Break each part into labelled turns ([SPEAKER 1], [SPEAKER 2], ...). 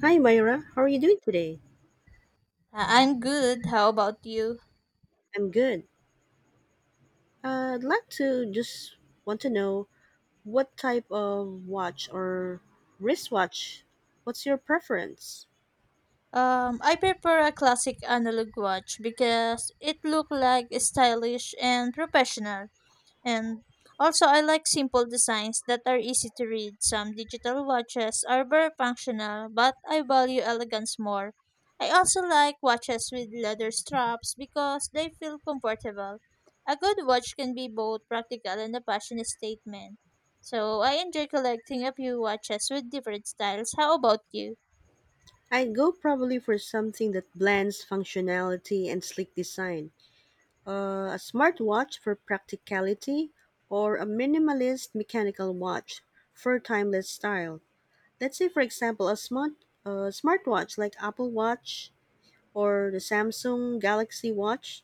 [SPEAKER 1] Hi, Myra. How are you doing today?
[SPEAKER 2] I'm good. How about you?
[SPEAKER 1] I'm good. I'd like to just want to know what type of watch or wristwatch, what's your preference?
[SPEAKER 2] I prefer a classic analog watch because it look like stylish and professional. And also, I like simple designs that are easy to read. Some digital watches are very functional, but I value elegance more. I also like watches with leather straps because they feel comfortable. A good watch can be both practical and a passionate statement. So, I enjoy collecting a few watches with different styles. How about you?
[SPEAKER 1] I'd go probably for something that blends functionality and sleek design. A smartwatch for practicality or a minimalist mechanical watch for timeless style. Let's say, for example, a smartwatch like Apple Watch or the Samsung Galaxy Watch.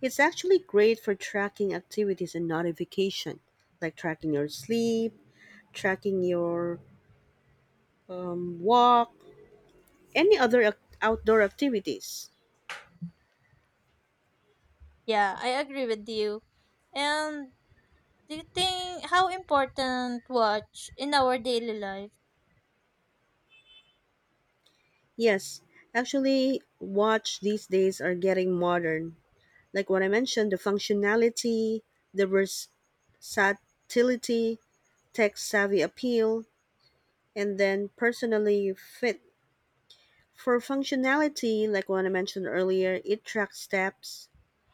[SPEAKER 1] It's actually great for tracking activities and notification, like tracking your sleep, tracking your walk, any other outdoor activities.
[SPEAKER 2] Yeah, I agree with you. And do you think how important watch in our daily life?
[SPEAKER 1] Yes, actually, watch these days are getting modern. Like what I mentioned, the functionality, the versatility, tech savvy appeal, and then personally fit. For functionality, like what I mentioned earlier, it tracks steps,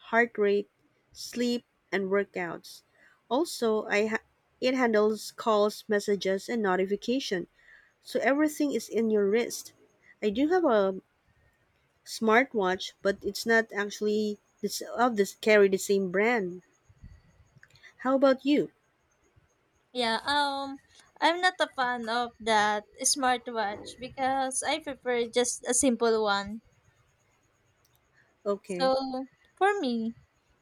[SPEAKER 1] heart rate, sleep, and workouts. Also, it handles calls, messages, and notification. So everything is in your wrist. I do have a smartwatch, but it's not actually this of this carry the same brand. How about you?
[SPEAKER 2] Yeah, I'm not a fan of that smartwatch because I prefer just a simple one.
[SPEAKER 1] Okay.
[SPEAKER 2] So for me,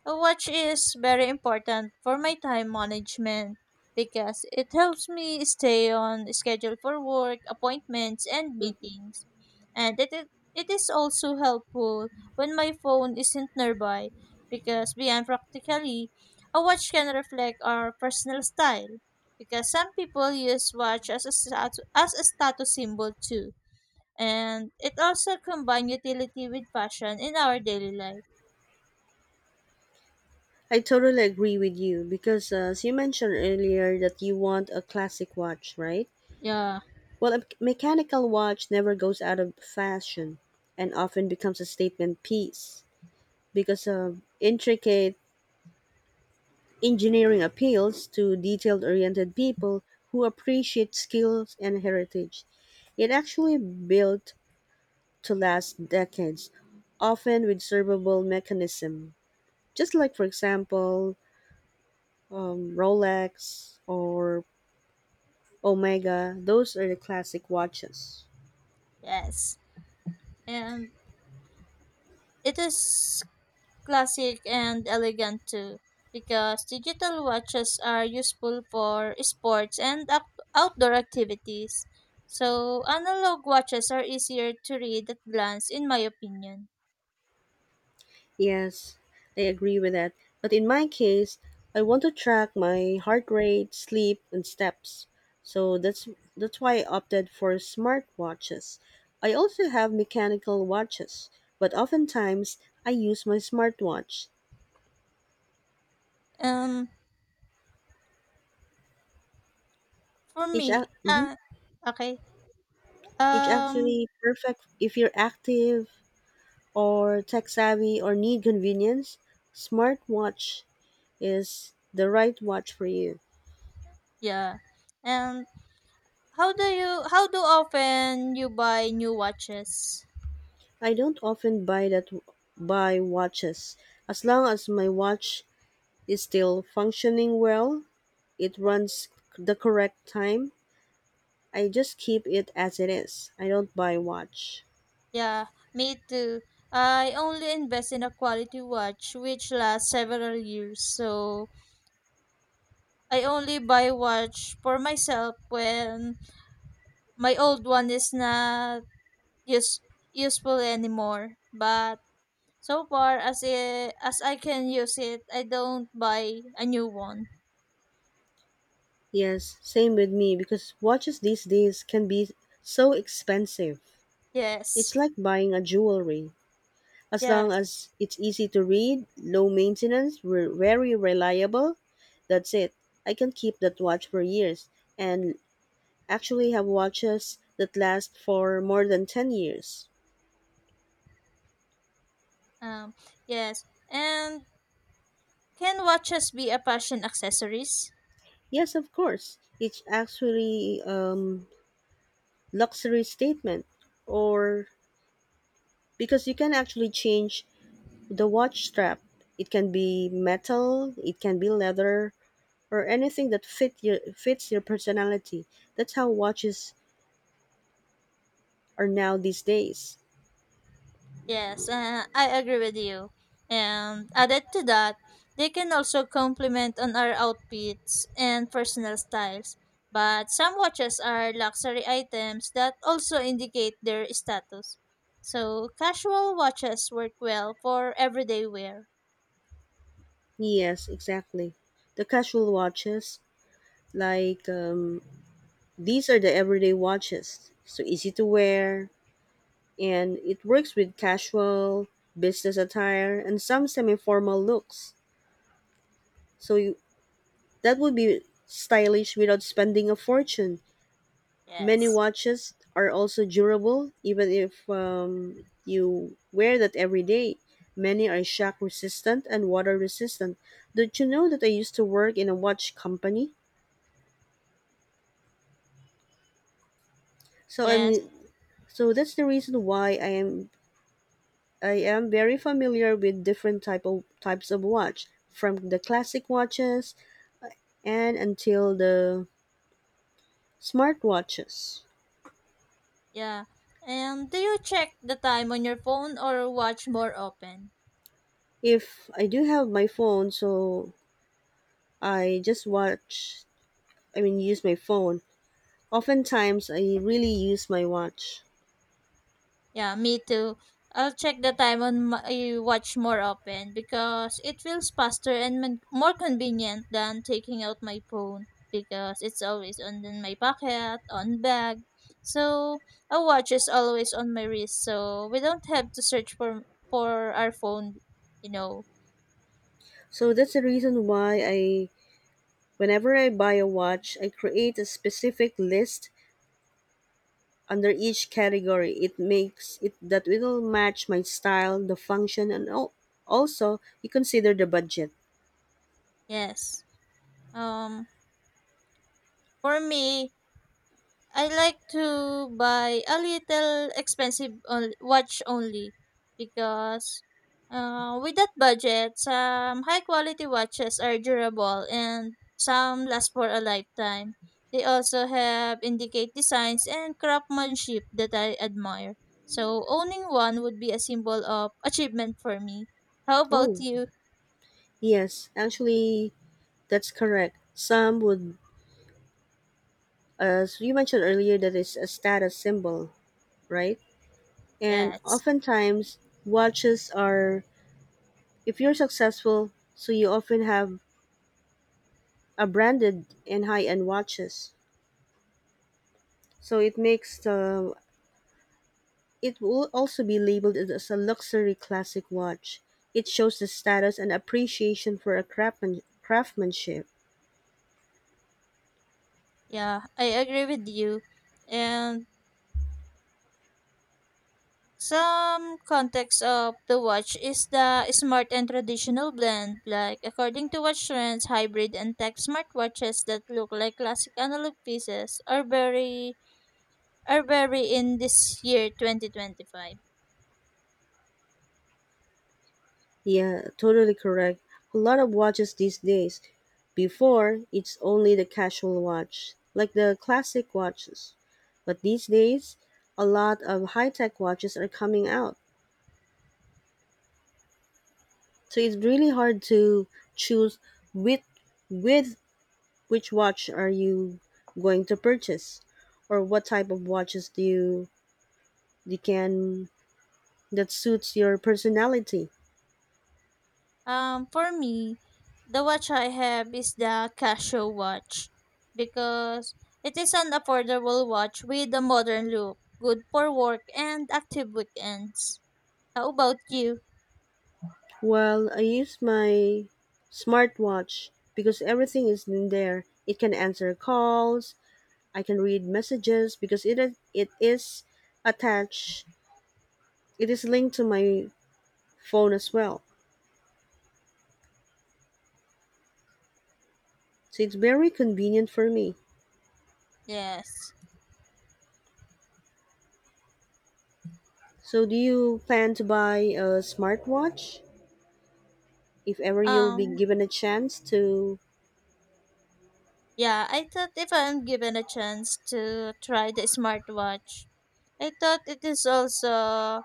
[SPEAKER 2] a watch is very important for my time management because it helps me stay on schedule for work, appointments, and
[SPEAKER 1] Mm-hmm.
[SPEAKER 2] meetings. And it is also helpful when my phone isn't nearby because, beyond practically, a watch can reflect our personal style because some people use watch as a, as a status symbol too. And it also combines utility with fashion in our daily life.
[SPEAKER 1] I totally agree with you because as you mentioned earlier that you want a classic watch, right?
[SPEAKER 2] Yeah.
[SPEAKER 1] Well, a mechanical watch never goes out of fashion and often becomes a statement piece because of intricate engineering appeals to detailed oriented people who appreciate skills and heritage. It actually built to last decades, often with servable mechanism. Just like, for example, Rolex or Omega, those are the classic watches.
[SPEAKER 2] Yes. And it is classic and elegant too because digital watches are useful for sports and outdoor activities. So analog watches are easier to read at glance in my opinion.
[SPEAKER 1] Yes, I agree with that. But in my case, I want to track my heart rate, sleep, and steps. So that's why I opted for smart watches. I also have mechanical watches, but oftentimes I use my smartwatch.
[SPEAKER 2] Um for me,
[SPEAKER 1] Mhm.
[SPEAKER 2] okay.
[SPEAKER 1] It's
[SPEAKER 2] Um
[SPEAKER 1] actually perfect if you're active or tech savvy or need convenience. Smartwatch is the right watch for you.
[SPEAKER 2] yeah. And how do often you buy new watches?
[SPEAKER 1] I don't often buy watches. As long as my watch is still functioning well, it runs the correct time. I just keep it as it is. I don't buy watch.
[SPEAKER 2] Yeah, me too. I only invest in a quality watch which lasts several years. So I only buy watch for myself when my old one is not use, useful anymore. But so far as it, as I can use it, I don't buy a new one.
[SPEAKER 1] Yes, same with me because watches these days can be so expensive. It's
[SPEAKER 2] Yes.
[SPEAKER 1] like buying a jewelry. As long
[SPEAKER 2] Yes.
[SPEAKER 1] as it's easy to read, low maintenance, very reliable, that's it. I can keep that watch for years and actually have watches that last for more than 10 years.
[SPEAKER 2] Um yes. And can watches be a fashion accessories?
[SPEAKER 1] Yes, of course. It's actually luxury statement or because you can actually change the watch strap. It can be metal, it can be leather or anything that fits your personality. That's how watches are now these days.
[SPEAKER 2] Yes, I agree with you. And added to that, they can also complement on our outfits and personal styles. But some watches are luxury items that also indicate their status. So casual watches work well for everyday wear.
[SPEAKER 1] Yes, exactly. The casual watches like these are the everyday watches, so easy to wear, and it works with casual, business attire, and some semi formal looks. So that would be stylish without spending a fortune. Many
[SPEAKER 2] Yes.
[SPEAKER 1] watches are also durable, even if you wear that every day. Many are shock resistant and water resistant. Don't you know that I used to work in a watch company? So
[SPEAKER 2] Yes.
[SPEAKER 1] I'm so that's the reason why I am very familiar with different types of watch, from the classic watches and until the smart watches.
[SPEAKER 2] Yeah. And do you check the time on your phone or watch more often?
[SPEAKER 1] If I do have my phone, so I just watch. I mean, use my phone. Oftentimes, I really use my watch.
[SPEAKER 2] Yeah, me too. I'll check the time on my watch more often because it feels faster and more convenient than taking out my phone because it's always on in my pocket, on bag. So a watch is always on my wrist, so we don't have to search for our phone, you know.
[SPEAKER 1] So that's the reason why whenever I buy a watch, I create a specific list under each category. It makes it that will match my style, the function, and also you consider the budget.
[SPEAKER 2] Yes. Um for me, I like to buy a little expensive on, watch only because with that budget, some high quality watches are durable and some last for a lifetime. They also have indicate designs and craftsmanship that I admire. So owning one would be a symbol of achievement for me. How about
[SPEAKER 1] Oh,
[SPEAKER 2] you?
[SPEAKER 1] yes, actually, that's correct. Some would, as you mentioned earlier, that is a status symbol, right? And
[SPEAKER 2] Yes.
[SPEAKER 1] oftentimes, watches are, if you're successful, so you often have a branded and high end watches. So it makes the it will also be labeled as a luxury classic watch. It shows the status and appreciation for a craftsmanship.
[SPEAKER 2] Yeah, I agree with you. And some context of the watch is the smart and traditional blend. Like according to watch trends, hybrid and tech smartwatches that look like classic analog pieces are very in this year 2025.
[SPEAKER 1] Yeah, totally correct. A lot of watches these days. Before, it's only the casual watch, like the classic watches. But these days, a lot of high tech watches are coming out. So it's really hard to choose with with which watch are you going to purchase or what type of watches do you You can that suits your personality.
[SPEAKER 2] For me, the watch I have is the Casio watch because it is an affordable watch with a modern look, good for work and active weekends. How about you?
[SPEAKER 1] Well, I use my smartwatch because everything is in there. It can answer calls. I can read messages because it is attached. It is linked to my phone as well. So it's very convenient for me.
[SPEAKER 2] Yes.
[SPEAKER 1] So do you plan to buy a smartwatch if ever you'll
[SPEAKER 2] Um,
[SPEAKER 1] be given a chance to?
[SPEAKER 2] yeah, I thought if I'm given a chance to try the smartwatch, I thought it is also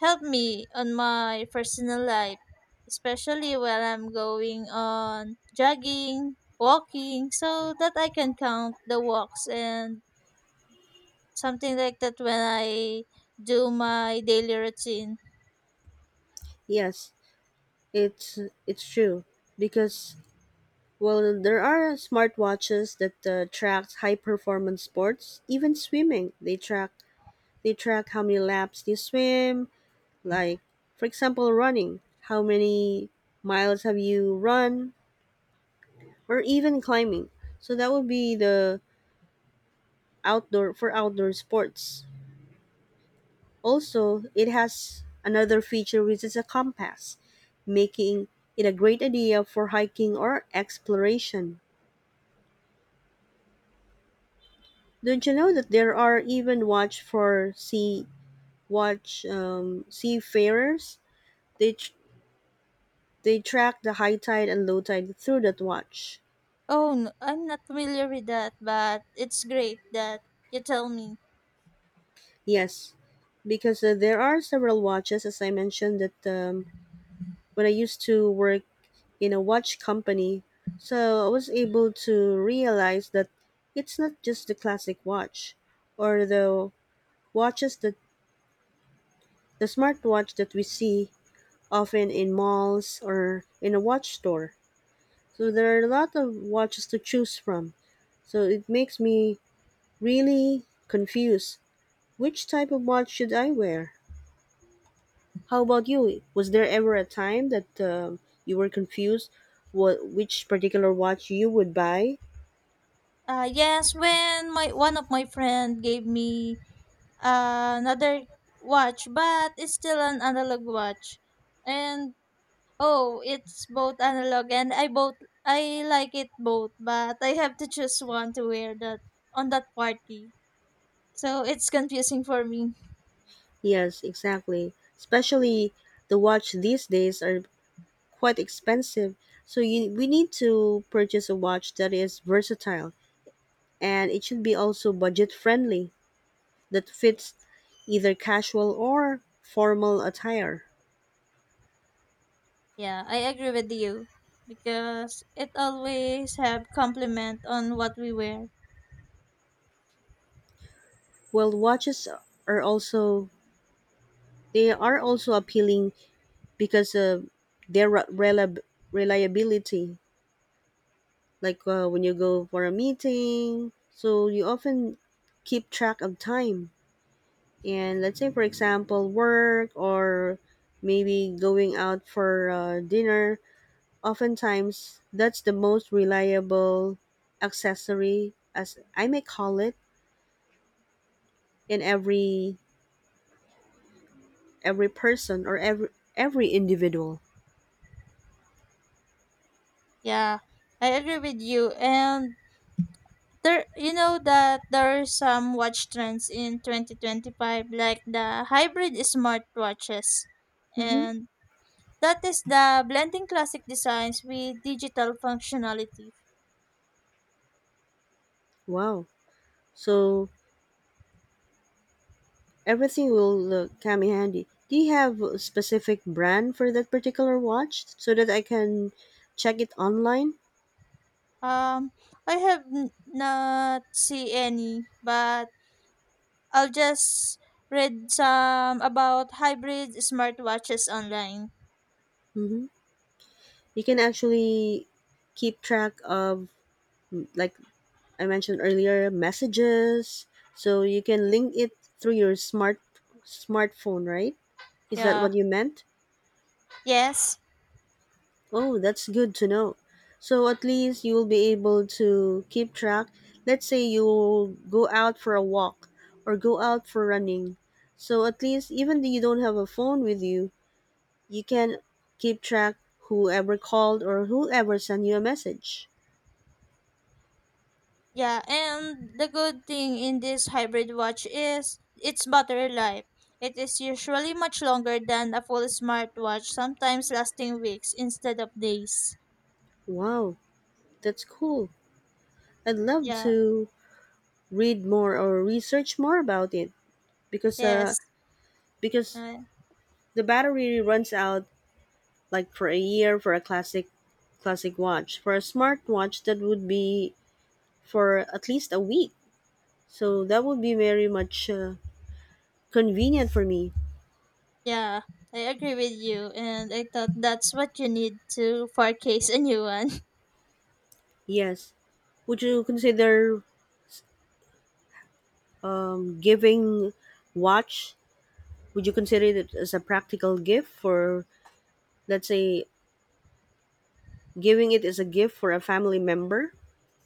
[SPEAKER 2] help me on my personal life, especially when I'm going on jogging, walking, so that I can count the walks and something like that when I do my daily routine.
[SPEAKER 1] Yes, it's it's true because well, there are smartwatches that track high-performance sports, even swimming. They track how many laps you swim, like for example, running, how many miles have you run, or even climbing. So that would be the outdoor for outdoor sports. Also, it has another feature which is a compass, making it a great idea for hiking or exploration. Don't you know that there are even watch for sea watch seafarers. They tr- they track the high tide and low tide through that watch.
[SPEAKER 2] Oh, no, I'm not familiar with that, but it's great that you tell me.
[SPEAKER 1] Yes, because there are several watches, as I mentioned, that when I used to work in a watch company, so I was able to realize that it's not just the classic watch or watches that the smartwatch that we see often in malls or in a watch store. So there are a lot of watches to choose from. So it makes me really confused. Which type of watch should I wear? How about you? Was there ever a time that you were confused what which particular watch you would buy?
[SPEAKER 2] Yes, when my one of my friend gave me another watch, but it's still an analog watch. And oh, it's both analog and I like it both, but I have to choose one to wear that on that party. So it's confusing for me.
[SPEAKER 1] Yes, exactly. Especially the watch these days are quite expensive. So we need to purchase a watch that is versatile and it should be also budget friendly, that
[SPEAKER 2] Yeah,
[SPEAKER 1] fits either casual or formal attire.
[SPEAKER 2] yeah, I agree with you because it always have compliment on what we wear.
[SPEAKER 1] Well, watches are also they are also appealing because of their reliability. Like when you go for a meeting, so you often keep track of time. And let's say, for example, work or maybe going out for dinner. Oftentimes, that's the most reliable accessory, as I may call it in every person or every individual.
[SPEAKER 2] Yeah, I agree with you and there you know that there are some watch trends in 2025 like the hybrid smartwatches
[SPEAKER 1] Mm-hmm.
[SPEAKER 2] and that is the blending classic designs with digital functionality.
[SPEAKER 1] Wow. So everything will come in handy. Do you have a specific brand for that particular watch so that I can check it online?
[SPEAKER 2] um I have not see any but I'll just read some about hybrid smartwatches online.
[SPEAKER 1] Mm-hmm. You can actually keep track of like I mentioned earlier, messages. So you can link it through your smartphone, right? Is that
[SPEAKER 2] Yeah,
[SPEAKER 1] what you meant?
[SPEAKER 2] yes.
[SPEAKER 1] Oh, that's good to know. So at least you'll be able to keep track. Let's say you go out for a walk or go out for running. So at least even though you don't have a phone with you, you can keep track whoever called or whoever sent you a message.
[SPEAKER 2] Yeah, and the good thing in this hybrid watch is its battery life. It is usually much longer than a full smartwatch, sometimes lasting weeks instead of days.
[SPEAKER 1] Wow, that's cool. I'd love
[SPEAKER 2] Yeah,
[SPEAKER 1] to read more or research more about it because uh
[SPEAKER 2] yes.
[SPEAKER 1] because
[SPEAKER 2] Uh,
[SPEAKER 1] the battery runs out like for a year for a classic watch. For a smartwatch, that would be for at least a week. So that would be very much convenient for me.
[SPEAKER 2] yeah, I agree with you, and I thought that's what you need to forecast a new one.
[SPEAKER 1] Yes. Would you consider giving watch? would you consider it as a practical gift for, let's say, giving it as a gift for a family member?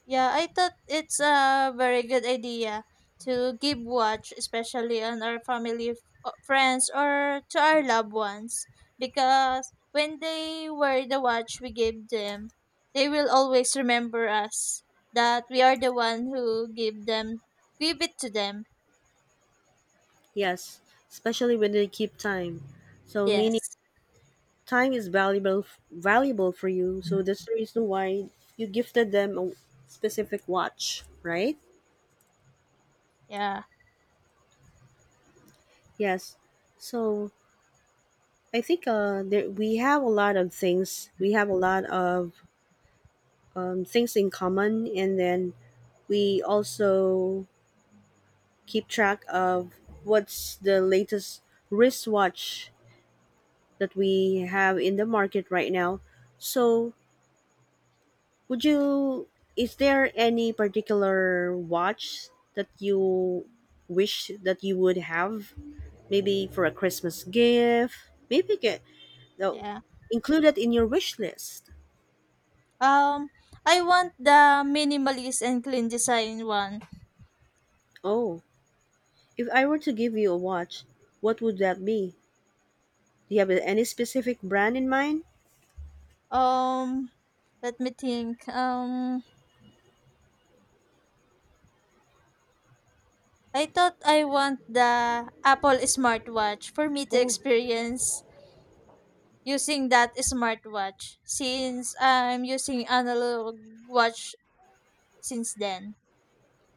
[SPEAKER 2] Yeah, I thought it's a very good idea to give watch, especially on our friends, or to our loved ones. Because when they wear the watch we gave them, they will always remember us that we are the one who give it to them.
[SPEAKER 1] Yes, especially when they keep time. So meaning,
[SPEAKER 2] Yes.
[SPEAKER 1] Time is valuable valuable for you, so that's the reason why you gifted them a specific watch, right?
[SPEAKER 2] Yeah.
[SPEAKER 1] Yes. So I think we have a lot of things. We have a lot of things in common, and then we also keep track of what's the latest wristwatch that we have in the market right now. So Would you is there any particular watch that you wish that you would have maybe for a Christmas gift? Maybe get no
[SPEAKER 2] Yeah.
[SPEAKER 1] Include that in your wish list.
[SPEAKER 2] Um, I want the minimalist and clean design one.
[SPEAKER 1] Oh, if I were to give you a watch, what would that be? Do you have any specific brand in mind?
[SPEAKER 2] Um, let me think. I thought I want the Apple smartwatch for me to
[SPEAKER 1] Oh,
[SPEAKER 2] experience using that smartwatch since I'm using analog watch since then.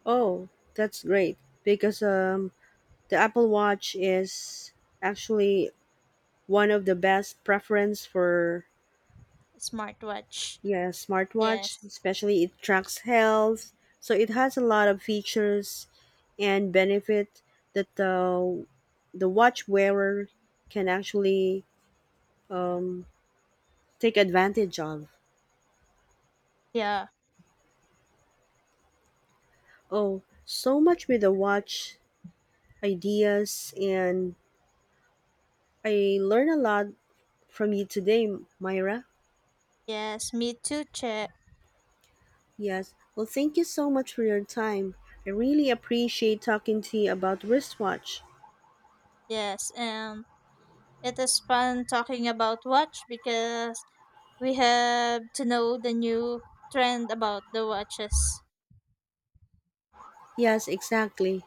[SPEAKER 1] oh, that's great because the Apple Watch is actually one of the best preference for
[SPEAKER 2] Smartwatch.
[SPEAKER 1] Yeah, smartwatch,
[SPEAKER 2] Yes.
[SPEAKER 1] especially it tracks health. So it has a lot of features and benefit that the watch wearer can actually um, take advantage of.
[SPEAKER 2] Yeah.
[SPEAKER 1] Oh, so much with the watch ideas and I learned a lot from you today, Myra.
[SPEAKER 2] Yes, me too, Che.
[SPEAKER 1] Yes. Well, thank you so much for your time. I really appreciate talking to you about wristwatch.
[SPEAKER 2] Yes, and it is fun talking about watch because we have to know the new trend about the watches.
[SPEAKER 1] Yes, exactly.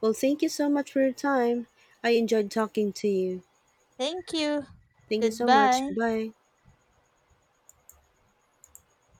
[SPEAKER 1] Well, thank you so much for your time. I
[SPEAKER 2] Yeah.
[SPEAKER 1] enjoyed talking to you.
[SPEAKER 2] Thank you.
[SPEAKER 1] Thank you so much.
[SPEAKER 2] Goodbye.
[SPEAKER 1] Bye.